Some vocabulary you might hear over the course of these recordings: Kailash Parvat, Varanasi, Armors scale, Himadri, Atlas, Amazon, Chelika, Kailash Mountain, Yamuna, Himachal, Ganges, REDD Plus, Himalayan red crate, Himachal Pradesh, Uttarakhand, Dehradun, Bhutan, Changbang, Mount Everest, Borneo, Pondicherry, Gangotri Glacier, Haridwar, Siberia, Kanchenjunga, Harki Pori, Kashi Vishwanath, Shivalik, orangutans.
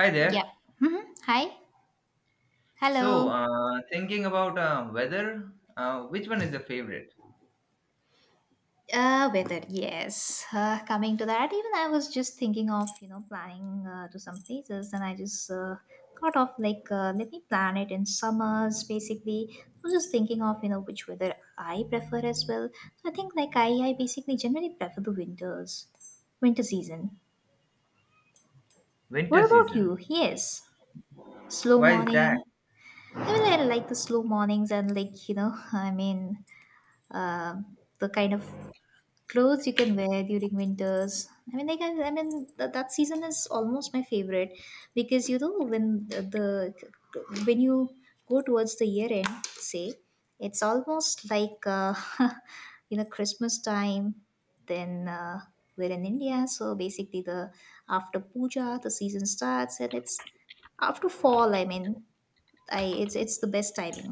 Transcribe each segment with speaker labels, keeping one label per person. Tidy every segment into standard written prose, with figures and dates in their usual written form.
Speaker 1: Hi
Speaker 2: Yep.
Speaker 1: there.
Speaker 2: Hi.
Speaker 1: So,
Speaker 2: Hello.
Speaker 1: thinking about weather, which one is your favorite?
Speaker 2: Weather. Yes. Coming to that, even I was just thinking of planning to some places, and I just thought of let me plan it in summers. Basically, I was just thinking of which weather I prefer as well. So I think like I basically generally prefer the winters, winter season. What
Speaker 1: Winter
Speaker 2: about
Speaker 1: season.
Speaker 2: you? Yes. Slow
Speaker 1: Why is that?
Speaker 2: morning. I mean, I like the slow mornings and like you know I mean. um the kind of clothes you can wear during winters, I mean that season is almost my favorite because you know when the when you go towards the year end, say it's almost like you know Christmas time, then we're in India, so basically the after puja the season starts, and it's after fall, I mean I it's the best timing.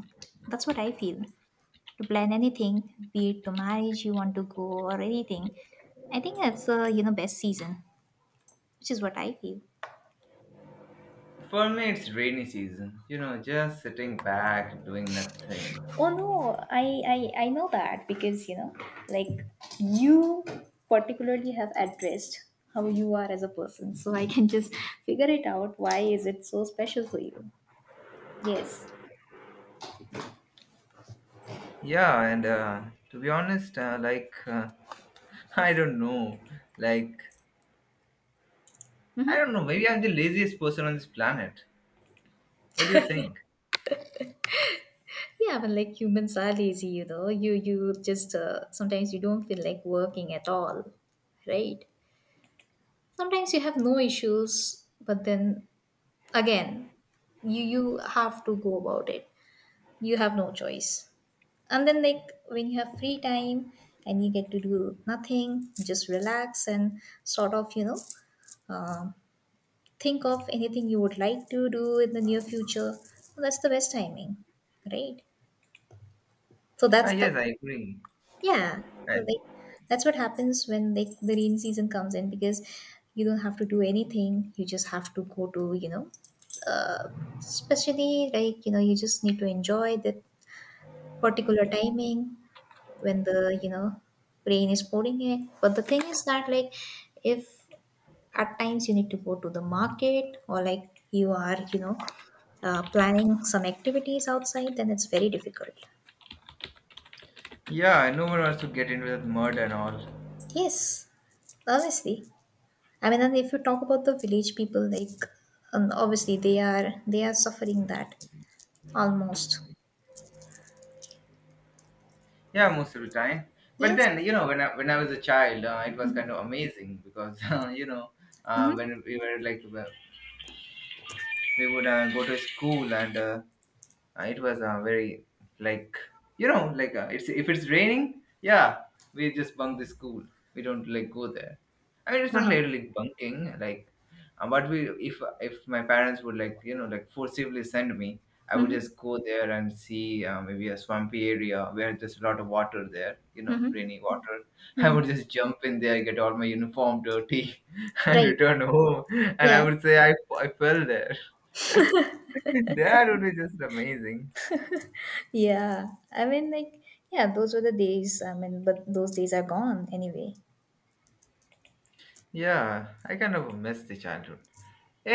Speaker 2: That's what I feel, to plan anything, be it to marriage you want to go or anything. I think that's best season, which is what I feel.
Speaker 1: For me, it's rainy season. You know, just sitting back, doing nothing.
Speaker 2: Oh no, I know that because you know, like you particularly have addressed how you are as a person, so I can just figure it out. Why is it so special for you? Yes.
Speaker 1: Yeah, and to be honest, I don't know. Like, I don't know. Maybe I'm the laziest person on this planet. What do you think?
Speaker 2: Yeah, but like humans are lazy, you know. You just sometimes you don't feel like working at all, right? Sometimes you have no issues, but then again you have to go about it, you have no choice, and then like when you have free time and you get to do nothing, just relax and sort of um think of anything you would like to do in the near future. That's the best timing, right? So
Speaker 1: Ah,
Speaker 2: that's
Speaker 1: yes, I
Speaker 2: that's
Speaker 1: agree.
Speaker 2: Yeah, so
Speaker 1: I,
Speaker 2: that's what happens when the rain season comes in because you don't have to do anything. You just have to go to, you know, uh, especially like, you know, you just need to enjoy that particular timing when the, you know, rain is pouring in. But the thing is that, like, if at times you need to go to the market, or like you are, you know, planning some activities outside, then it's very difficult.
Speaker 1: yeah, no one wants to get into that mud and all.
Speaker 2: Yes, honestly. I mean, and if you talk about the village people, like obviously they are suffering that almost.
Speaker 1: Yeah, most of the time. But
Speaker 2: Yes.
Speaker 1: then, you know, when I was a child, it was kind of amazing because you know,
Speaker 2: Mm-hmm.
Speaker 1: when we were like we would go to school and it was very like it's if it's raining, yeah, we just bunk the school. We don't like go there. I mean, it's not
Speaker 2: Uh-huh.
Speaker 1: like, like bunking. Like, but we if my parents would like you know like forcibly send me, I would
Speaker 2: Mm-hmm.
Speaker 1: just go there and see maybe a swampy area where there's a lot of water there. You know, rainy water. I would just jump in there, get all my uniform dirty, and
Speaker 2: Right.
Speaker 1: return home. And I
Speaker 2: Yeah.
Speaker 1: would say I fell there. That would be just amazing.
Speaker 2: Yeah. I mean, like yeah, those were the days. I mean, but those days are gone anyway.
Speaker 1: Yeah, I kind of miss the childhood.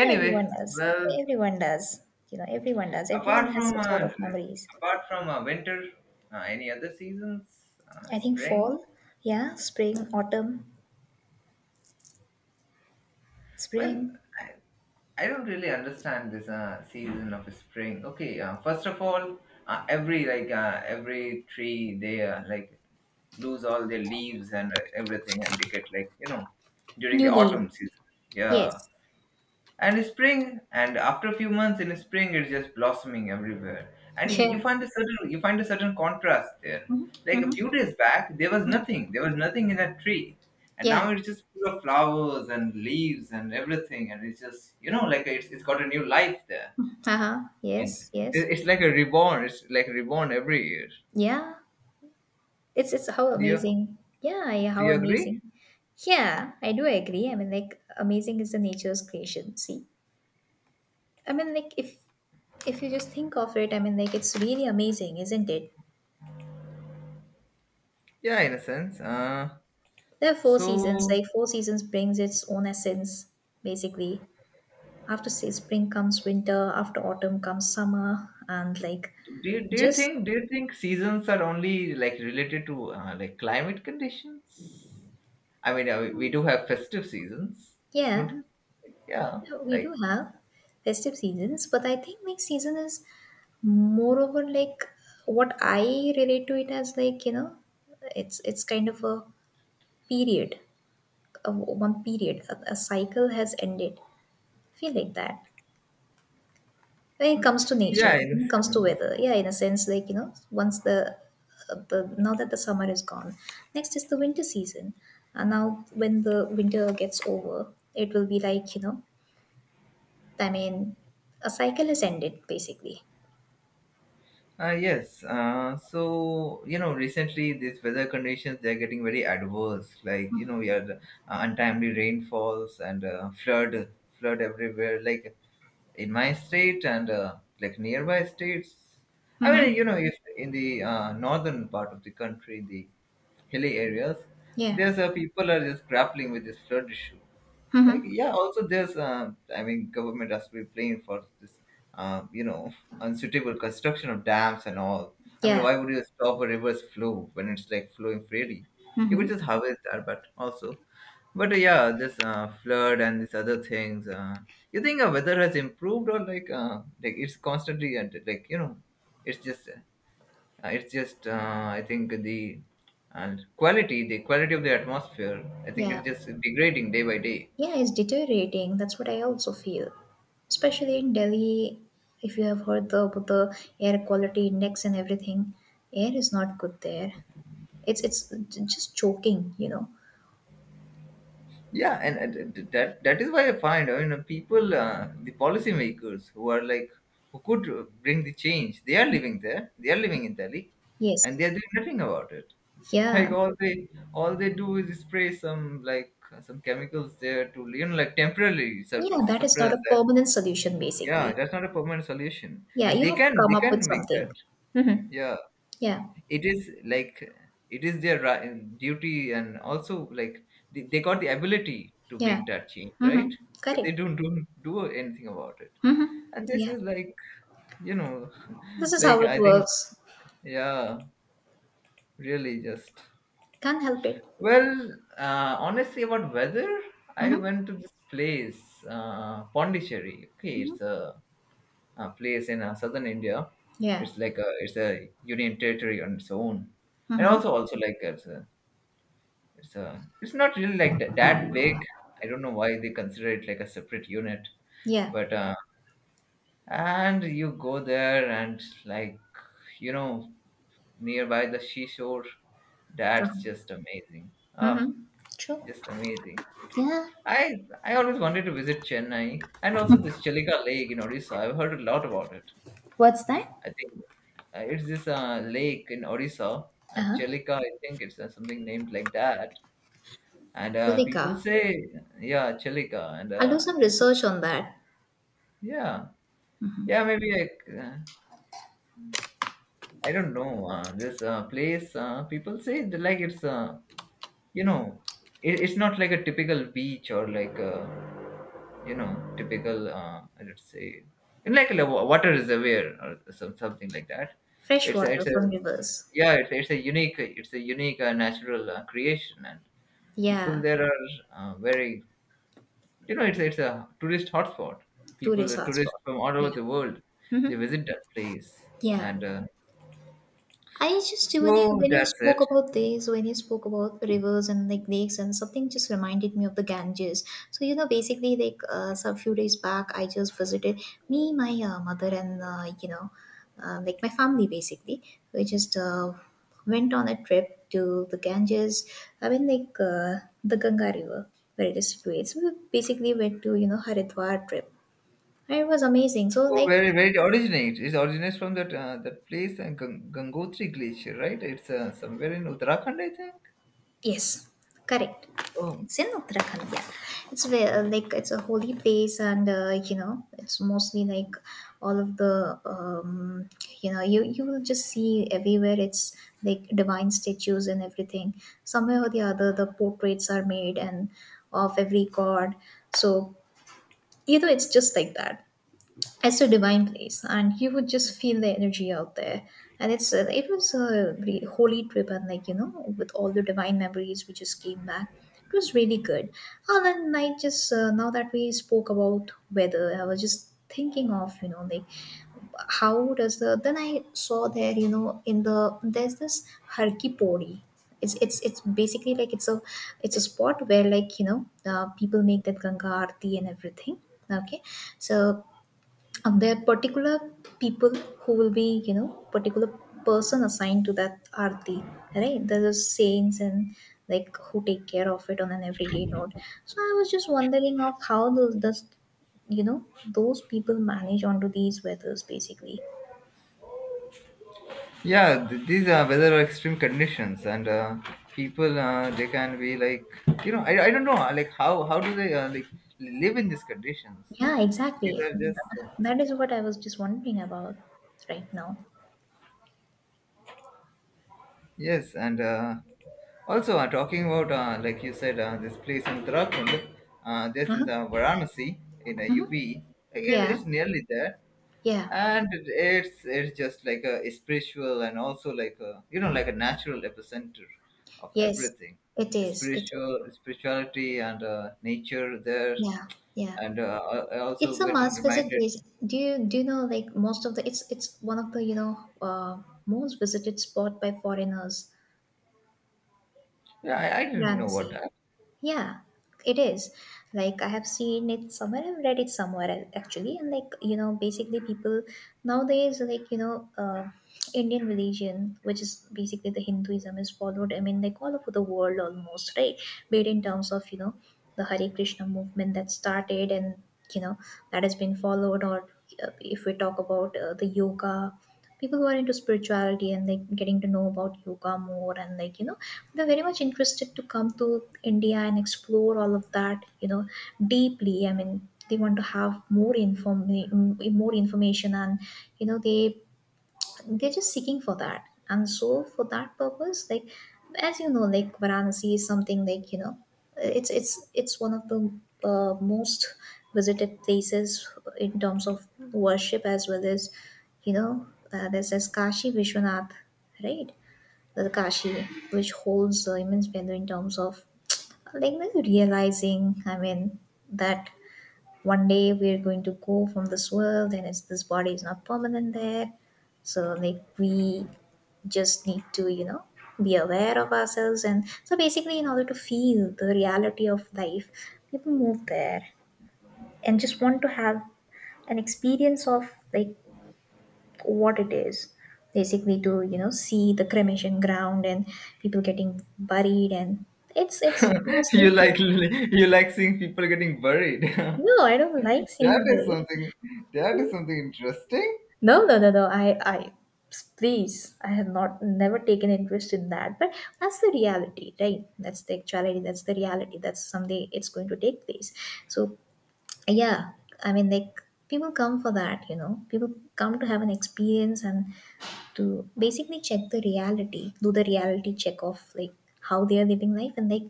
Speaker 2: Yeah, everyone does.
Speaker 1: well,
Speaker 2: Everyone does. You know, everyone does. Everyone
Speaker 1: apart
Speaker 2: has
Speaker 1: from
Speaker 2: some sort
Speaker 1: uh,
Speaker 2: of memories.
Speaker 1: apart from winter, any other seasons?
Speaker 2: I think
Speaker 1: Spring?
Speaker 2: fall. Yeah, spring, autumn,
Speaker 1: Well,
Speaker 2: spring,
Speaker 1: I, I don't really understand this season of spring. Okay, first of all, every tree they lose all their leaves and everything, and they get like you know during
Speaker 2: new
Speaker 1: the
Speaker 2: leaf.
Speaker 1: autumn season. Yeah,
Speaker 2: Yes.
Speaker 1: and spring, and after a few months in spring it's just blossoming everywhere, and you
Speaker 2: Yeah.
Speaker 1: you find a certain, contrast there. Like,
Speaker 2: Mm-hmm.
Speaker 1: a few days back there was nothing, in that tree, and
Speaker 2: Yeah.
Speaker 1: now it's just full of flowers and leaves and everything, and it's just, you know, like it's got a new life there.
Speaker 2: Uh-huh.
Speaker 1: And
Speaker 2: Yes,
Speaker 1: it,
Speaker 2: yes.
Speaker 1: it's like a reborn, it's like reborn every year.
Speaker 2: Yeah. It's how
Speaker 1: do you
Speaker 2: amazing. Yeah, yeah,
Speaker 1: do
Speaker 2: how
Speaker 1: you agree?
Speaker 2: amazing. Yeah, I do agree. I mean, like amazing is the nature's creation. See, I mean, like if you just think of it, I mean, like it's really amazing, isn't it?
Speaker 1: Yeah, in a sense. uh
Speaker 2: There are four seasons.
Speaker 1: so
Speaker 2: Like four seasons brings its own essence, basically. After say spring comes winter, after autumn comes summer, and like
Speaker 1: do you, do you
Speaker 2: just
Speaker 1: think do you think seasons are only like related to like climate conditions? I mean, we do have festive seasons, don't
Speaker 2: yeah.
Speaker 1: you? Yeah,
Speaker 2: We do
Speaker 1: like,
Speaker 2: have festive seasons, but I think next season is moreover like what I relate to it as like you know, it's kind of a period, one period, a cycle has ended. Feel like that when it comes to nature,
Speaker 1: yeah, in,
Speaker 2: when it comes to weather. Yeah, in a sense, like you know, once the now that the summer is gone, next is the winter season, and now when the winter gets over, it will be like you know I mean, a cycle has ended basically.
Speaker 1: Yes. So you know, recently these weather conditions they're getting very adverse. Like you know, we had untimely rainfalls and flood everywhere. Like in my state and like nearby states. I
Speaker 2: Mm-hmm.
Speaker 1: mean, you know, if in the northern part of the country, the hilly areas,
Speaker 2: Yeah.
Speaker 1: there's people are just grappling with this flood issue, like,
Speaker 2: Mm-hmm.
Speaker 1: yeah, also there's I mean government has to be playing for this, you know, unsuitable construction of dams and all. I mean,
Speaker 2: Yeah.
Speaker 1: why would you stop a river's flow when it's like flowing freely? You could
Speaker 2: Mm-hmm.
Speaker 1: just harvest that. But also, but yeah, this flood and these other things, you think weather has improved, or like, like it's constantly and like you know, it's just uh, it's just I think the and quality, the quality of the atmosphere, I think
Speaker 2: Yeah.
Speaker 1: it's just degrading day by day.
Speaker 2: Yeah, it's deteriorating. That's what I also feel. Especially in Delhi, if you have heard about the air quality index and everything, air is not good there. Just choking, you know.
Speaker 1: Yeah, and that, is why I find, I mean, people the policymakers who are like, who could bring the change, they are living there, they are living in Delhi, and
Speaker 2: Yes.
Speaker 1: they are doing nothing about it. Like,
Speaker 2: Yeah.
Speaker 1: all they do is spray some, like, some chemicals there to you know like temporarily
Speaker 2: Yeah, that is not
Speaker 1: suppress
Speaker 2: a
Speaker 1: that.
Speaker 2: permanent solution
Speaker 1: Yeah,
Speaker 2: basically.
Speaker 1: that's not a permanent solution,
Speaker 2: Yeah,
Speaker 1: and
Speaker 2: you
Speaker 1: they
Speaker 2: have to
Speaker 1: can,
Speaker 2: come up with
Speaker 1: make that.
Speaker 2: something. Mm-hmm.
Speaker 1: Yeah,
Speaker 2: Yeah.
Speaker 1: it is like, it is their duty, and also like, they got the ability to
Speaker 2: Yeah.
Speaker 1: make that change, right?
Speaker 2: Mm-hmm.
Speaker 1: But they
Speaker 2: Correct.
Speaker 1: don't do anything about it.
Speaker 2: Mhm.
Speaker 1: And this
Speaker 2: Yeah.
Speaker 1: is like, you know,
Speaker 2: This is how
Speaker 1: like
Speaker 2: it
Speaker 1: I think,
Speaker 2: works.
Speaker 1: yeah, really just,
Speaker 2: Can't help it.
Speaker 1: well, honestly about weather, I
Speaker 2: Mhm.
Speaker 1: went to this place, Pondicherry. Okay,
Speaker 2: Mhm.
Speaker 1: a place in southern India.
Speaker 2: Yeah.
Speaker 1: It's like a, it's a union territory on its own, and
Speaker 2: Mhm.
Speaker 1: also, like it's a, it's it's not really like that big. I don't know why they consider it like a separate unit,
Speaker 2: Yeah.
Speaker 1: but and you go there and like, you know, nearby the seashore, that's
Speaker 2: Um,
Speaker 1: just amazing. Ah,
Speaker 2: Mhm. True.
Speaker 1: just amazing.
Speaker 2: Yeah.
Speaker 1: I always wanted to visit Chennai, and also this Chelika Lake in Odisha. I've heard a lot about it.
Speaker 2: What's that?
Speaker 1: I think, it's this lake in Odisha,
Speaker 2: Uh-huh.
Speaker 1: Chelika. I think it's something named like that, and people
Speaker 2: Julika,
Speaker 1: say, yeah, Chelika, and
Speaker 2: I'll do some
Speaker 1: people,
Speaker 2: research on that.
Speaker 1: yeah, yeah, maybe like, I don't know, this place, people say that, like it's you know, it's not like a typical beach, or like, you know, typical let's say like a water is aware, or some, something like that.
Speaker 2: Fresh
Speaker 1: it's a,
Speaker 2: water
Speaker 1: it's a
Speaker 2: from rivers.
Speaker 1: yeah, it's a unique, natural creation. And people
Speaker 2: Yeah.
Speaker 1: there are very, you know, it's a tourist hotspot. People,
Speaker 2: Tourist
Speaker 1: tourists
Speaker 2: hotspot.
Speaker 1: from all over
Speaker 2: Yeah.
Speaker 1: the world, they
Speaker 2: Mm-hmm.
Speaker 1: visit that place,
Speaker 2: Yeah.
Speaker 1: and
Speaker 2: I just when you
Speaker 1: so
Speaker 2: when you
Speaker 1: that's
Speaker 2: spoke
Speaker 1: it.
Speaker 2: about this, when you spoke about rivers and like lakes and something, just reminded me of the Ganges. So you know, basically, so a few days back, I just visited me, my mother, and like my family. Basically, we just went on a trip to the Ganges. I mean, like the Ganga River, where it is situated. So we basically went to you know Haridwar trip. And it was amazing. So
Speaker 1: Oh,
Speaker 2: like
Speaker 1: where, it originates? It originates from that that place, Gangotri Glacier, right? It's somewhere in Uttarakhand, I think.
Speaker 2: yes, correct.
Speaker 1: Oh,
Speaker 2: It's in Uttarakhand. Yeah, it's where like it's a holy place, and you know it's mostly like all of the you know you will just see everywhere. It's like divine statues and everything. Somewhere or the other, the portraits are made and of every god. So you know it's just like that, it's a divine place and you would just feel the energy out there. And it's it was a holy trip, and like you know with all the divine memories we just came back. It was really good. And then I just now that we spoke about weather, I was just thinking of you know like how does the then I saw there you know in the there's this Harki Pori. It's basically like it's a spot where like you know people make that Ganga aarti and everything. Okay, so and there are particular people who will be you know particular person assigned to that arti, right? There are saints and like who take care of it on an everyday note. So I was just wondering of how those does you know those people manage onto these weathers basically.
Speaker 1: yeah. These are weather are extreme conditions, and people they can be like, you know, I don't know, like, how do they like live in these conditions?
Speaker 2: Yeah,
Speaker 1: These
Speaker 2: exactly,
Speaker 1: are just.
Speaker 2: that is what I was just wondering about right now.
Speaker 1: Yes, and also talking about, like you said, this place in Uttarakhand, this is
Speaker 2: Uh-huh.
Speaker 1: Varanasi in
Speaker 2: Hmm.
Speaker 1: UP. Like,
Speaker 2: Yeah,
Speaker 1: it's nearly there,
Speaker 2: yeah.
Speaker 1: and it's just like a spiritual, and also like a, you know, like a natural epicenter of
Speaker 2: Yes,
Speaker 1: everything,
Speaker 2: it is.
Speaker 1: spiritual, spirituality and nature there,
Speaker 2: Yeah, yeah.
Speaker 1: and uh, I also
Speaker 2: It's a
Speaker 1: get
Speaker 2: must visit
Speaker 1: reminded.
Speaker 2: place. Do you know like most of the it's one of the you know most visited spot by foreigners,
Speaker 1: Yeah, I didn't know what.
Speaker 2: Varanasi. Yeah, it is. Like I have seen it somewhere, I've read it somewhere actually, and like you know, basically people nowadays, like you know, Indian religion, which is basically the Hinduism, is followed. I mean, like all over the world almost, right? Be it in terms of you know the Hare Krishna movement that started, and you know that has been followed, or if we talk about the yoga, people who are into spirituality and like getting to know about yoga more, and like you know they are very much interested to come to India and explore all of that, you know, deeply. I mean, they want to have more information, and you know, they're just seeking for that. And so, for that purpose, like as you know, like Varanasi is something like you know, it's one of the most visited places in terms of worship as well as you know, there's this Kashi Vishwanath, right? The Kashi, which holds immense value in terms of like realizing, I mean, that one day we're going to go from this world, and this body is not permanent there. So, like, we just need to, you know, be aware of ourselves. And so, basically, in order to feel the reality of life, people move there and just want to have an experience of, like, what it is basically to see the cremation ground and people getting buried, and it's mostly
Speaker 1: You
Speaker 2: here.
Speaker 1: like, you like seeing people getting buried.
Speaker 2: No, I don't like
Speaker 1: That
Speaker 2: seeing
Speaker 1: is
Speaker 2: buried.
Speaker 1: something. That is something interesting.
Speaker 2: No. I please, I have not never taken interest in that, but that's the reality, right? That's the actuality, that's the reality, that's someday it's going to take place. So yeah, i mean like people come for that, people come to have an experience and to basically check the reality, do the reality check of, like, how they are living life and, like,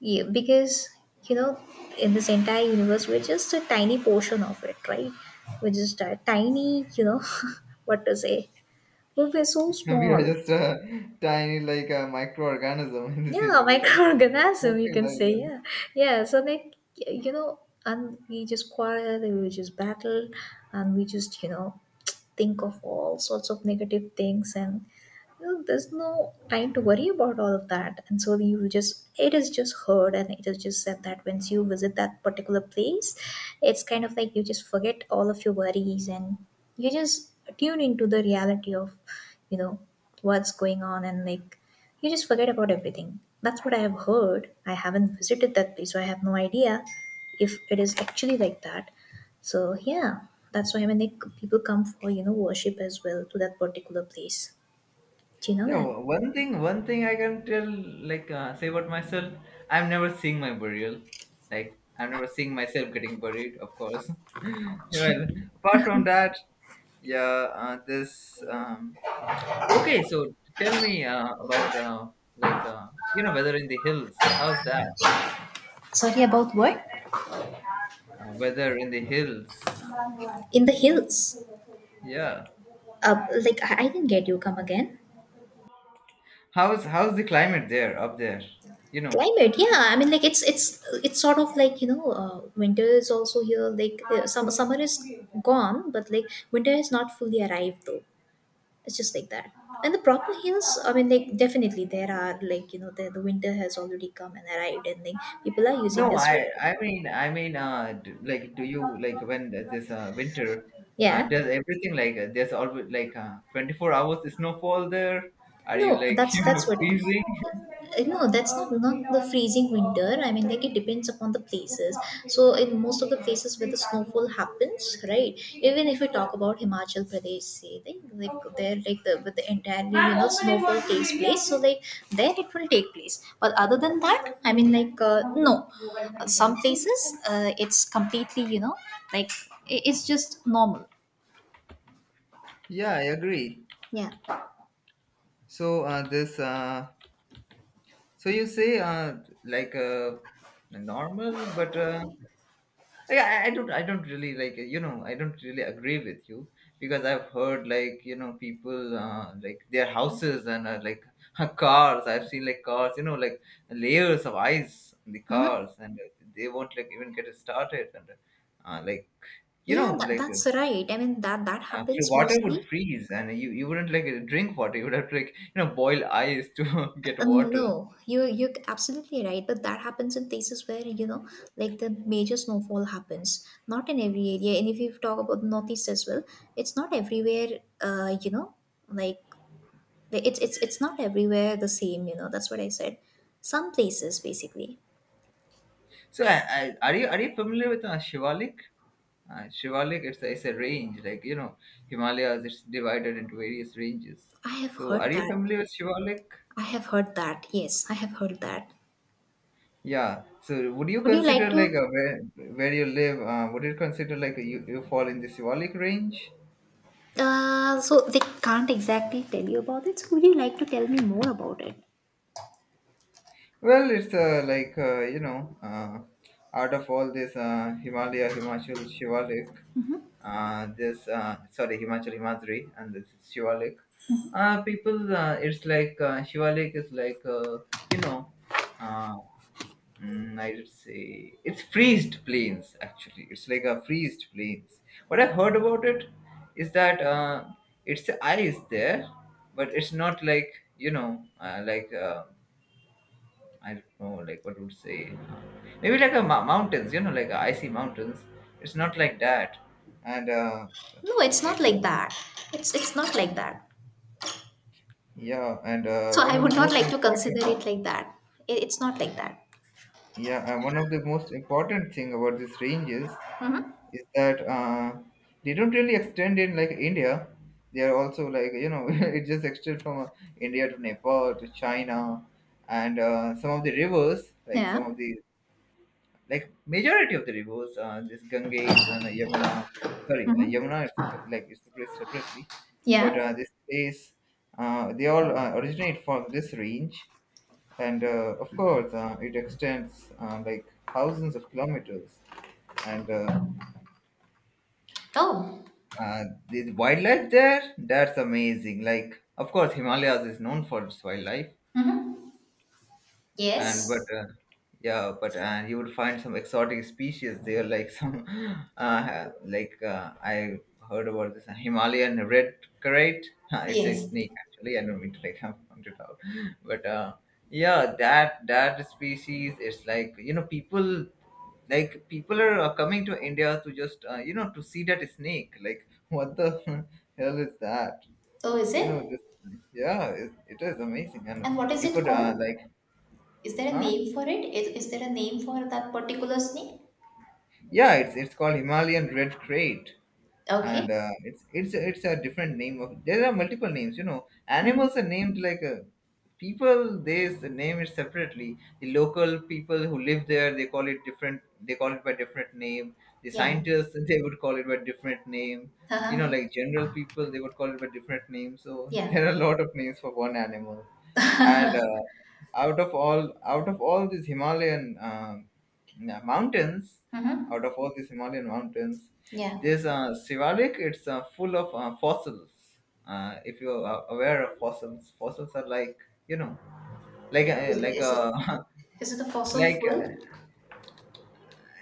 Speaker 2: yeah, because, you know, in this entire universe we're just a tiny portion of it, right? We're just a tiny, you know, what to say, but we're so
Speaker 1: We are
Speaker 2: small.
Speaker 1: just a tiny, like a microorganism in this
Speaker 2: Yeah,
Speaker 1: universe.
Speaker 2: microorganism, you
Speaker 1: Something
Speaker 2: can
Speaker 1: like
Speaker 2: say,
Speaker 1: that.
Speaker 2: yeah. Yeah, so like you know, and we just quarrel, we just battle, and we just, you know, think of all sorts of negative things, and well, there's no time to worry about all of that. And so you just, it is just heard and it is just said that once you visit that particular place, it's kind of like you just forget all of your worries, and you just tune into the reality of, you know, what's going on, and like, you just forget about everything. That's what I have heard. I haven't visited that place, so I have no idea if it is actually like that. So yeah, that's why when they, people come for, you know, worship as well to that particular place. Do you know
Speaker 1: Yeah.
Speaker 2: that?
Speaker 1: One thing. One thing I can tell, like, say about myself. I'm never seeing my burial. Like, I'm never seeing myself getting buried. Of course. Well, apart from that, yeah. This. Okay. So tell me, about, like uh, you know, weather in the hills. How's that?
Speaker 2: Sorry about what?
Speaker 1: Weather in the hills.
Speaker 2: In the hills.
Speaker 1: Yeah.
Speaker 2: Like I didn't get you. Come again.
Speaker 1: How's the climate there up there? You know.
Speaker 2: Climate, yeah. I mean, like, it's sort of like, you know, winter is also here. Like summer is gone, but like winter has not fully arrived though. It's just like that. And the proper hills, I mean, like, definitely there are, like, you know, the winter has already come and arrived, and like people are using
Speaker 1: No,
Speaker 2: their sweater.
Speaker 1: I mean d like, do you like when this winter
Speaker 2: Yeah.
Speaker 1: does everything like, there's always like 24 hours snowfall there? Are you
Speaker 2: No,
Speaker 1: like,
Speaker 2: that's
Speaker 1: you know,
Speaker 2: that's what.
Speaker 1: freezing?
Speaker 2: No, that's not the freezing winter. I mean, like it depends upon the places. So in most of the places where the snowfall happens, right? Even if we talk about Himachal Pradesh, say like there like the with the entirely, you know, snowfall takes place. So like there it will take place. But other than that, I mean, like no, some places it's completely, you know, like, it's just normal.
Speaker 1: Yeah, I agree.
Speaker 2: Yeah.
Speaker 1: So this so you say, like uh normal, but yeah, I don't really, like, you know, I don't really agree with you, because I've heard, like, you know, people like their houses and like cars. I've seen like cars, you know, like layers of ice on the
Speaker 2: Hmm.
Speaker 1: cars, and they won't like even get it started, and like, you
Speaker 2: Yeah,
Speaker 1: know, like
Speaker 2: that's right. I mean that
Speaker 1: free
Speaker 2: happens
Speaker 1: water
Speaker 2: mostly.
Speaker 1: would freeze, and you wouldn't like drink water. You would have to like, you know, boil ice to get water.
Speaker 2: No, you you're absolutely right, but that happens in places where, you know, like the major snowfall happens. Not in every area, and if you talk about the northeast as well, it's not everywhere. You know, like, it's it's not everywhere the same. You know, that's what I said. Some places, basically,
Speaker 1: So, are you, are you familiar with Shivalik? Shivalik, it's a range, like, you know, Himalayas. It's divided into various ranges.
Speaker 2: I have
Speaker 1: So, are
Speaker 2: heard
Speaker 1: you
Speaker 2: that.
Speaker 1: familiar with Shivalik?
Speaker 2: I have heard that. Yes, I have heard that.
Speaker 1: Yeah. So, would you
Speaker 2: Would you like
Speaker 1: consider like
Speaker 2: to?
Speaker 1: a, where you live? Would you consider like you fall in the Shivalik range?
Speaker 2: So they can't exactly tell you about it. So would you like to tell me more about it?
Speaker 1: Well, it's like you know, out of all this Himalaya, Himachal, Shivalik, this sorry, Himachal, Himadri, and this is Shivalik. People, it's like Shivalik is like, you know, uh, I would say it's freezed plains. Actually, it's like a freezed plains. What I've heard about it is that it's ice there, but it's not like, you know, I don't know, like what would say, maybe like a mountains, you know, like icy mountains. It's not like that, and
Speaker 2: No, it's not
Speaker 1: like
Speaker 2: like
Speaker 1: uh,
Speaker 2: that. It's not like that.
Speaker 1: yeah, and
Speaker 2: So
Speaker 1: one
Speaker 2: I
Speaker 1: of the
Speaker 2: would not
Speaker 1: most
Speaker 2: like to
Speaker 1: important,
Speaker 2: consider it like that. It's not like that.
Speaker 1: yeah, and one of the most important thing about these ranges is that they don't really extend in like India. They are also like, it just extends from India to Nepal to China, and some of the rivers,
Speaker 2: Yeah.
Speaker 1: like majority of the rivers, this Ganges and Yamuna, sorry,
Speaker 2: Mm-hmm.
Speaker 1: Yamuna is, like, it's placed separately, but
Speaker 2: Yeah.
Speaker 1: uh, this place, they all originate from this range, and of course, it extends, like, thousands of kilometers, and
Speaker 2: Oh.
Speaker 1: uh, the wildlife there, that's amazing. Like, of course, Himalayas is known for its wildlife,
Speaker 2: Mm-hmm.
Speaker 1: and but
Speaker 2: Yes.
Speaker 1: yeah but you would find some exotic species there, like some I heard about this Himalayan red carrot. It's a
Speaker 2: Yes.
Speaker 1: snake actually. I don't mean to, like, point it out, but yeah, that species is, like, people, are coming to India to just, to see that snake, like, what the hell is that?
Speaker 2: Oh, is
Speaker 1: you know
Speaker 2: it?
Speaker 1: just yeah, it is amazing. And
Speaker 2: And what is
Speaker 1: you
Speaker 2: it
Speaker 1: could,
Speaker 2: called?
Speaker 1: like,
Speaker 2: Is there a
Speaker 1: huh.
Speaker 2: name for it? Is there a name for that particular snake?
Speaker 1: Yeah, it's, called Himalayan red crate,
Speaker 2: Okay.
Speaker 1: and it's a different name of, there are multiple names, animals are named, like, people, they name it separately. The local people who live there, they call it different, they call it by different name. The
Speaker 2: Yeah.
Speaker 1: scientists they would call it by different name. you know
Speaker 2: Uh-huh.
Speaker 1: like general people, they would call it by different name. So,
Speaker 2: Yeah.
Speaker 1: there are a lot of names for one animal. And out of all these Himalayan mountains, out of
Speaker 2: Mm-hmm.
Speaker 1: all these Himalayan mountains,
Speaker 2: Yeah.
Speaker 1: there's a Sivarik. It's full of fossils. If you're aware of fossils, fossils are, like, you know, like
Speaker 2: Is it,
Speaker 1: a,
Speaker 2: is it a fossil
Speaker 1: like,
Speaker 2: fuel?
Speaker 1: a,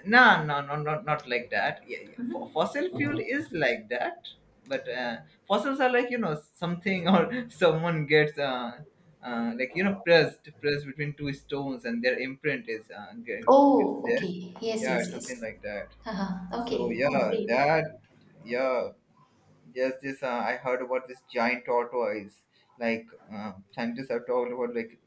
Speaker 1: no, no, no, not like that. Yeah, yeah. Fossil fuel is like that, but fossils are, like, you know, something, or someone gets, like, you know, pressed between two stones, and their imprint is, it's
Speaker 2: Oh,
Speaker 1: there.
Speaker 2: okay.
Speaker 1: Yeah, it's something
Speaker 2: Yes.
Speaker 1: like that.
Speaker 2: Uh-huh.
Speaker 1: So,
Speaker 2: Okay.
Speaker 1: yeah,
Speaker 2: Oh, great.
Speaker 1: that, yeah, yes, this, I heard about this giant tortoise. Like, scientists have talked about, like,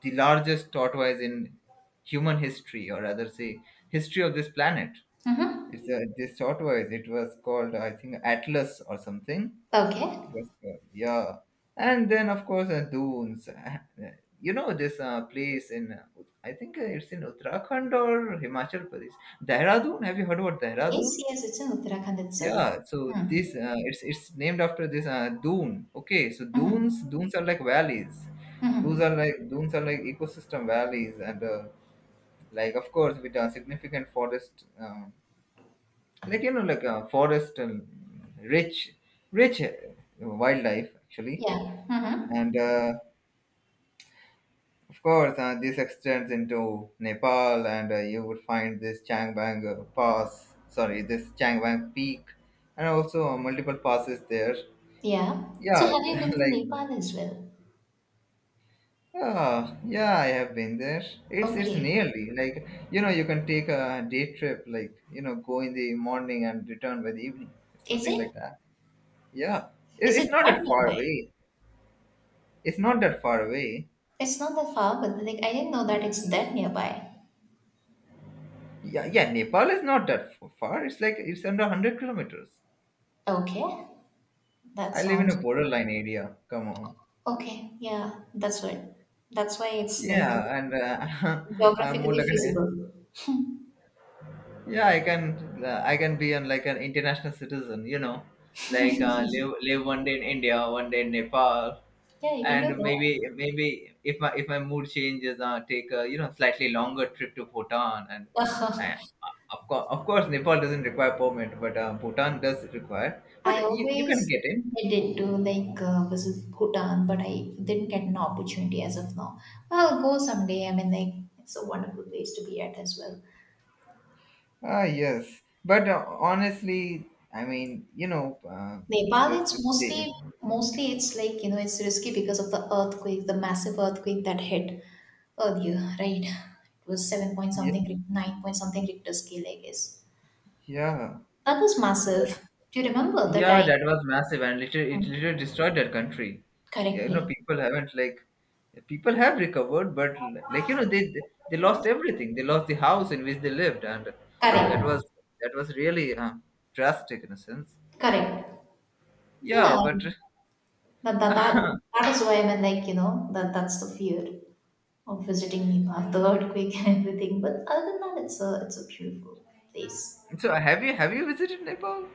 Speaker 1: the largest tortoise in human history, or rather say history of this planet.
Speaker 2: Mm-hmm.
Speaker 1: It's this tortoise. It was called, I think, Atlas or something.
Speaker 2: Okay.
Speaker 1: It was called, yeah. And then of course, dunes. Uh, you know this, place in, I think, it's in Uttarakhand or Himachal Pradesh. Dehradun. Have you heard about
Speaker 2: Yes,
Speaker 1: Dehradun?
Speaker 2: yes, it's in Uttarakhand itself.
Speaker 1: Yeah, so
Speaker 2: Hmm.
Speaker 1: this, it's, named after this, dune. Okay, so
Speaker 2: Mhm.
Speaker 1: dunes are like valleys. Those
Speaker 2: Mhm.
Speaker 1: are, like, dunes are like ecosystem valleys, and like, of course, with a significant forest, like, you know, like, forest and rich rich wildlife actually.
Speaker 2: Yeah. Mhm.
Speaker 1: And of course, this extends into Nepal, and you would find this Changbang Pass. Sorry, this Changbang Peak. And also, multiple passes there.
Speaker 2: Yeah. So
Speaker 1: Yeah,
Speaker 2: have you been to
Speaker 1: like.
Speaker 2: Nepal as well?
Speaker 1: Yeah, I have been there. It's
Speaker 2: Okay.
Speaker 1: nearly, like, you know, you can take a day trip, like, you know, go in the morning and return by the evening,
Speaker 2: Is
Speaker 1: something
Speaker 2: it?
Speaker 1: like that. Yeah, it,
Speaker 2: Is it
Speaker 1: it's not
Speaker 2: that
Speaker 1: that far
Speaker 2: nearby?
Speaker 1: away. It's not that far away.
Speaker 2: It's not that far, but like, I didn't know that it's that nearby.
Speaker 1: Yeah, yeah, Nepal is not that far. It's like it's under 100 kilometers.
Speaker 2: Okay. That
Speaker 1: I live in a
Speaker 2: sounds
Speaker 1: borderline area. Come on.
Speaker 2: okay. Yeah, that's right. That's why it's like
Speaker 1: Yeah, and I'm more
Speaker 2: geographically
Speaker 1: like an
Speaker 2: feasible.
Speaker 1: yeah, I can, I can be an like an international citizen, you know, like, live one day in India, one day in Nepal.
Speaker 2: Yeah, you can
Speaker 1: And
Speaker 2: do
Speaker 1: maybe, if my mood changes, take a, you know, slightly longer trip to Bhutan. and
Speaker 2: that.
Speaker 1: uh, of course Nepal doesn't require permit, but Bhutan does require. But
Speaker 2: I
Speaker 1: you can
Speaker 2: always
Speaker 1: get it.
Speaker 2: intended to, like, visit Bhutan, but I didn't get an opportunity as of now. I'll go someday. I mean, like, it's a wonderful place to be at as well.
Speaker 1: Ah, yes. But honestly, I mean, you know,
Speaker 2: Nepal,
Speaker 1: just the
Speaker 2: it's mostly
Speaker 1: same.
Speaker 2: mostly it's like, you know, it's risky because of the earthquake, the massive earthquake that hit earlier, right? It was seven point
Speaker 1: Yeah.
Speaker 2: something, nine point something Richter scale, I guess.
Speaker 1: Yeah.
Speaker 2: That was massive. Do you remember the
Speaker 1: Yeah,
Speaker 2: time?
Speaker 1: that was massive, and literally, it literally destroyed that country. Yeah, you know,
Speaker 2: Correctly.
Speaker 1: people haven't, like, people have recovered, but, like, they lost everything. They lost the house in which they lived. And
Speaker 2: Correct.
Speaker 1: that was, really drastic in a sense.
Speaker 2: Correct. Yeah.
Speaker 1: Yeah, but
Speaker 2: But that is why, I mean, like, you know, that's the fear of visiting Nepal, the earthquake and everything. But other than that, it's a beautiful place.
Speaker 1: so have you visited Nepal?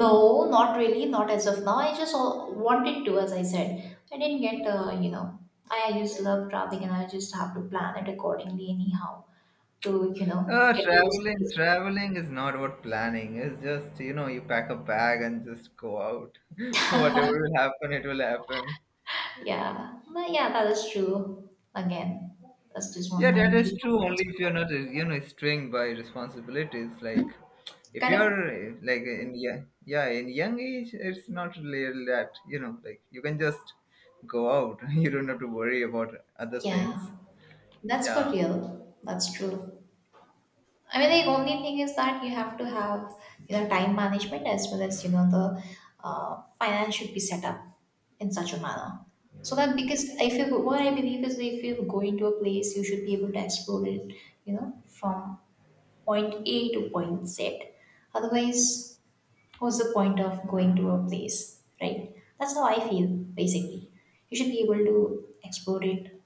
Speaker 2: No, not really, not as of now. I just wanted to, as I said, I didn't get, you know. I just love traveling, and I just have to plan it accordingly anyhow to, you know, get to those places.
Speaker 1: Traveling is not about planning. It's just, you know, you pack a bag and just go out. Whatever will happen, it will happen.
Speaker 2: Yeah, but yeah, that is true. Again, that's just one
Speaker 1: Yeah,
Speaker 2: that
Speaker 1: that is
Speaker 2: you
Speaker 1: true
Speaker 2: want to
Speaker 1: only if you're
Speaker 2: explore.
Speaker 1: not, you know, strained by responsibilities. Like, if
Speaker 2: Correct?
Speaker 1: you're, like, in, yeah, yeah, in young age, it's not really that, you know, like, you can just go out. You don't have to worry about other things.
Speaker 2: Yeah. That's for
Speaker 1: Yeah.
Speaker 2: real. That's true. I mean, the only thing is that you have to have, you know, time management as well as, you know, the finance should be set up in such a manner. So that, because if you go, what I believe is if you go into a place, you should be able to explore it, you know, from point A to point Z. Otherwise, what's the point of going to a place, right? That's how I feel, basically. You should be able to explore it,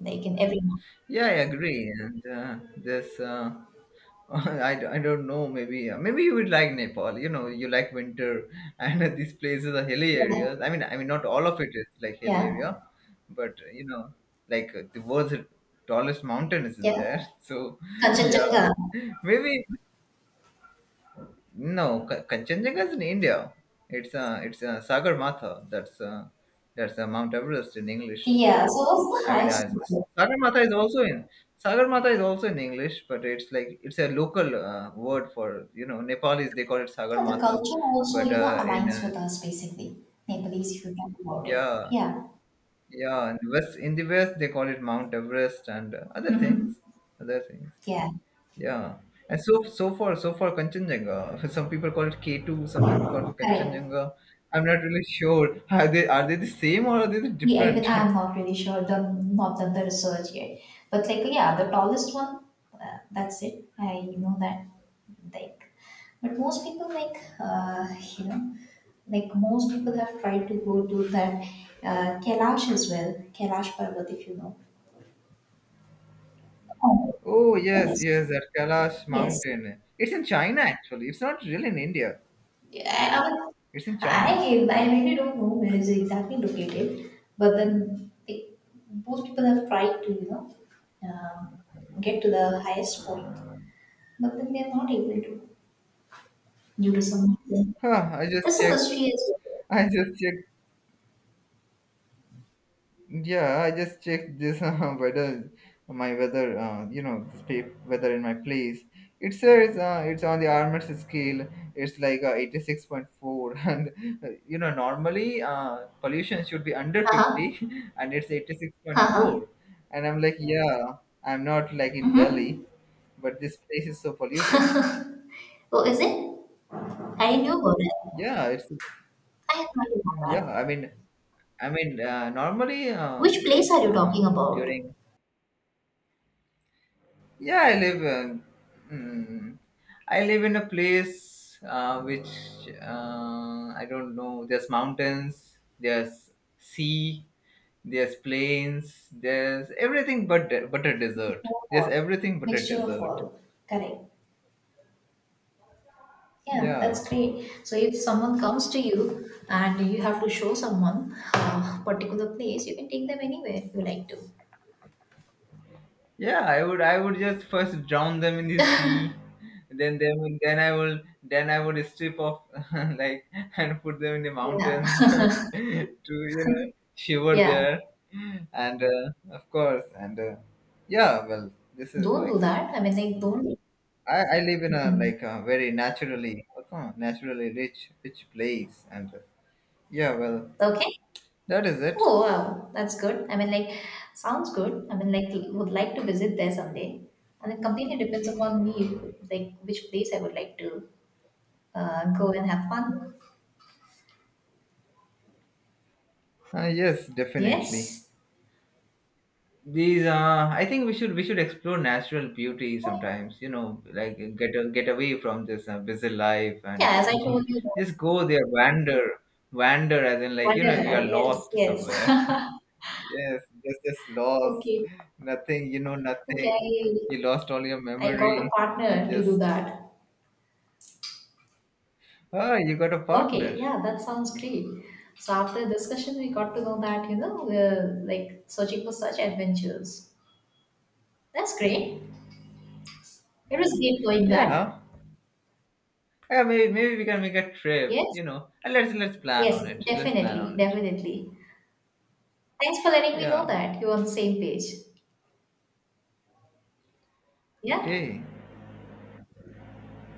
Speaker 2: like, in every, month.
Speaker 1: Yeah, I agree. And this, I don't know. Maybe, you would like Nepal. You know, you like winter, and these places are hilly
Speaker 2: Yeah,
Speaker 1: areas. I mean, not all of it is like hilly
Speaker 2: yeah.
Speaker 1: area. But you know, like, the world's tallest mountain is in
Speaker 2: Yeah,
Speaker 1: there. So, yeah,
Speaker 2: Kanchenjunga.
Speaker 1: maybe, no, Kanchenjunga is in India. It's, Sagar Matha. That's, Mount Everest in English.
Speaker 2: Yeah, so that's the
Speaker 1: I mean,
Speaker 2: highest
Speaker 1: as
Speaker 2: level.
Speaker 1: Sagarmatha is also in Sagarmatha is also in English. But it's, like, it's a local word for, you know, Nepalis. They call it
Speaker 2: Yeah, the
Speaker 1: Sagarmatha.
Speaker 2: culture also,
Speaker 1: But
Speaker 2: you know,
Speaker 1: in
Speaker 2: aligns with us basically. Nepalese, if you talk about it.
Speaker 1: yeah,
Speaker 2: Yeah,
Speaker 1: yeah, in the west they call it Mount Everest. And
Speaker 2: mm-hmm,
Speaker 1: other things.
Speaker 2: yeah,
Speaker 1: Yeah. And so far Kanchenjunga. Some people call it K2. Some people call it
Speaker 2: correct.
Speaker 1: Kanchenjunga. I'm not really sure, are they the same, or are they
Speaker 2: Yeah, even
Speaker 1: different?
Speaker 2: I'm not really sure, done, not done the research yet. But like, yeah, the tallest one, that's it. I know that. Like, but most people like, you know, like most people have tried to go to that Kailash as well, Kailash Parvat, if you know. Oh,
Speaker 1: Oh yes,
Speaker 2: yes,
Speaker 1: yes, at Kailash
Speaker 2: yes.
Speaker 1: Mountain. It's in China actually. It's not really in India.
Speaker 2: Would-
Speaker 1: It's in China.
Speaker 2: I really don't know where it's exactly located, but then most people have tried to, you know, um get to the highest point, but then they're not able to due to some reason.
Speaker 1: Huh, I just
Speaker 2: There's a
Speaker 1: checked.
Speaker 2: mystery as well.
Speaker 1: I just checked. Yeah, I just checked this, weather, my weather. You know, this weather in my place. It says, it's on the Armors scale. It's like, 86.4, and you know, normally, pollution should be under
Speaker 2: Uh-huh,
Speaker 1: 50, and it's eighty six point
Speaker 2: uh-huh.
Speaker 1: four. And I'm like, yeah, I'm not like in Delhi.
Speaker 2: Mm-hmm.
Speaker 1: But this place is so polluted.
Speaker 2: Oh, is it? I knew about it.
Speaker 1: Yeah, it's,
Speaker 2: I had not knew
Speaker 1: yeah.
Speaker 2: about that.
Speaker 1: I mean, normally,
Speaker 2: Which place
Speaker 1: like,
Speaker 2: are you talking about?
Speaker 1: during, yeah, I live. Mm, I live in a place, which, I don't know. There's mountains. There's sea. There's plains. There's everything but, a
Speaker 2: Mixture
Speaker 1: desert.
Speaker 2: of
Speaker 1: There's
Speaker 2: all.
Speaker 1: everything but a
Speaker 2: Mixture of
Speaker 1: desert.
Speaker 2: all. Correct. Yeah,
Speaker 1: Yeah.
Speaker 2: that's great. So if someone comes to you and you have to show someone a particular place, you can take them anywhere you like to.
Speaker 1: Yeah, I would just first drown them in the sea. Then, them then I will then I would strip off, like, and put them in the
Speaker 2: Yeah,
Speaker 1: mountains to, you know, shiver
Speaker 2: yeah.
Speaker 1: there. And of course and yeah, well, this is
Speaker 2: Don't do
Speaker 1: like,
Speaker 2: that. I mean, like,
Speaker 1: I live in a,
Speaker 2: don't.
Speaker 1: like, a very naturally rich, place. And yeah, well,
Speaker 2: Okay.
Speaker 1: that is it.
Speaker 2: Oh wow, that's good. I mean, like, sounds good. I mean, like, would like to visit there someday. And it completely depends upon me, like, which place I would like to go and have fun.
Speaker 1: Yes, definitely.
Speaker 2: Yes.
Speaker 1: These, I think we should explore natural beauty sometimes. You know, like, get away from this, busy life
Speaker 2: Yeah,
Speaker 1: and
Speaker 2: as I
Speaker 1: just
Speaker 2: told you,
Speaker 1: go there. Wander, as in, like, you know, you
Speaker 2: whatever.
Speaker 1: are
Speaker 2: Yes,
Speaker 1: lost somewhere.
Speaker 2: yes.
Speaker 1: Yes, just lost.
Speaker 2: Okay.
Speaker 1: Nothing,
Speaker 2: Okay,
Speaker 1: nothing. You
Speaker 2: I,
Speaker 1: lost all your
Speaker 2: I got a
Speaker 1: memory, and
Speaker 2: partner to do
Speaker 1: just,
Speaker 2: that.
Speaker 1: oh, you got a partner.
Speaker 2: Okay, yeah, that sounds great. So after discussion, we got to know that, you know, we're like searching for such adventures. That's great. It was great knowing that.
Speaker 1: Yeah, yeah, maybe, we can make a trip,
Speaker 2: Yes,
Speaker 1: you know. Let's plan
Speaker 2: yes,
Speaker 1: on it. Let's plan
Speaker 2: definitely,
Speaker 1: on it.
Speaker 2: definitely. Thanks for letting me know
Speaker 1: Yeah.
Speaker 2: that you're on the same page. Yeah.
Speaker 1: Okay.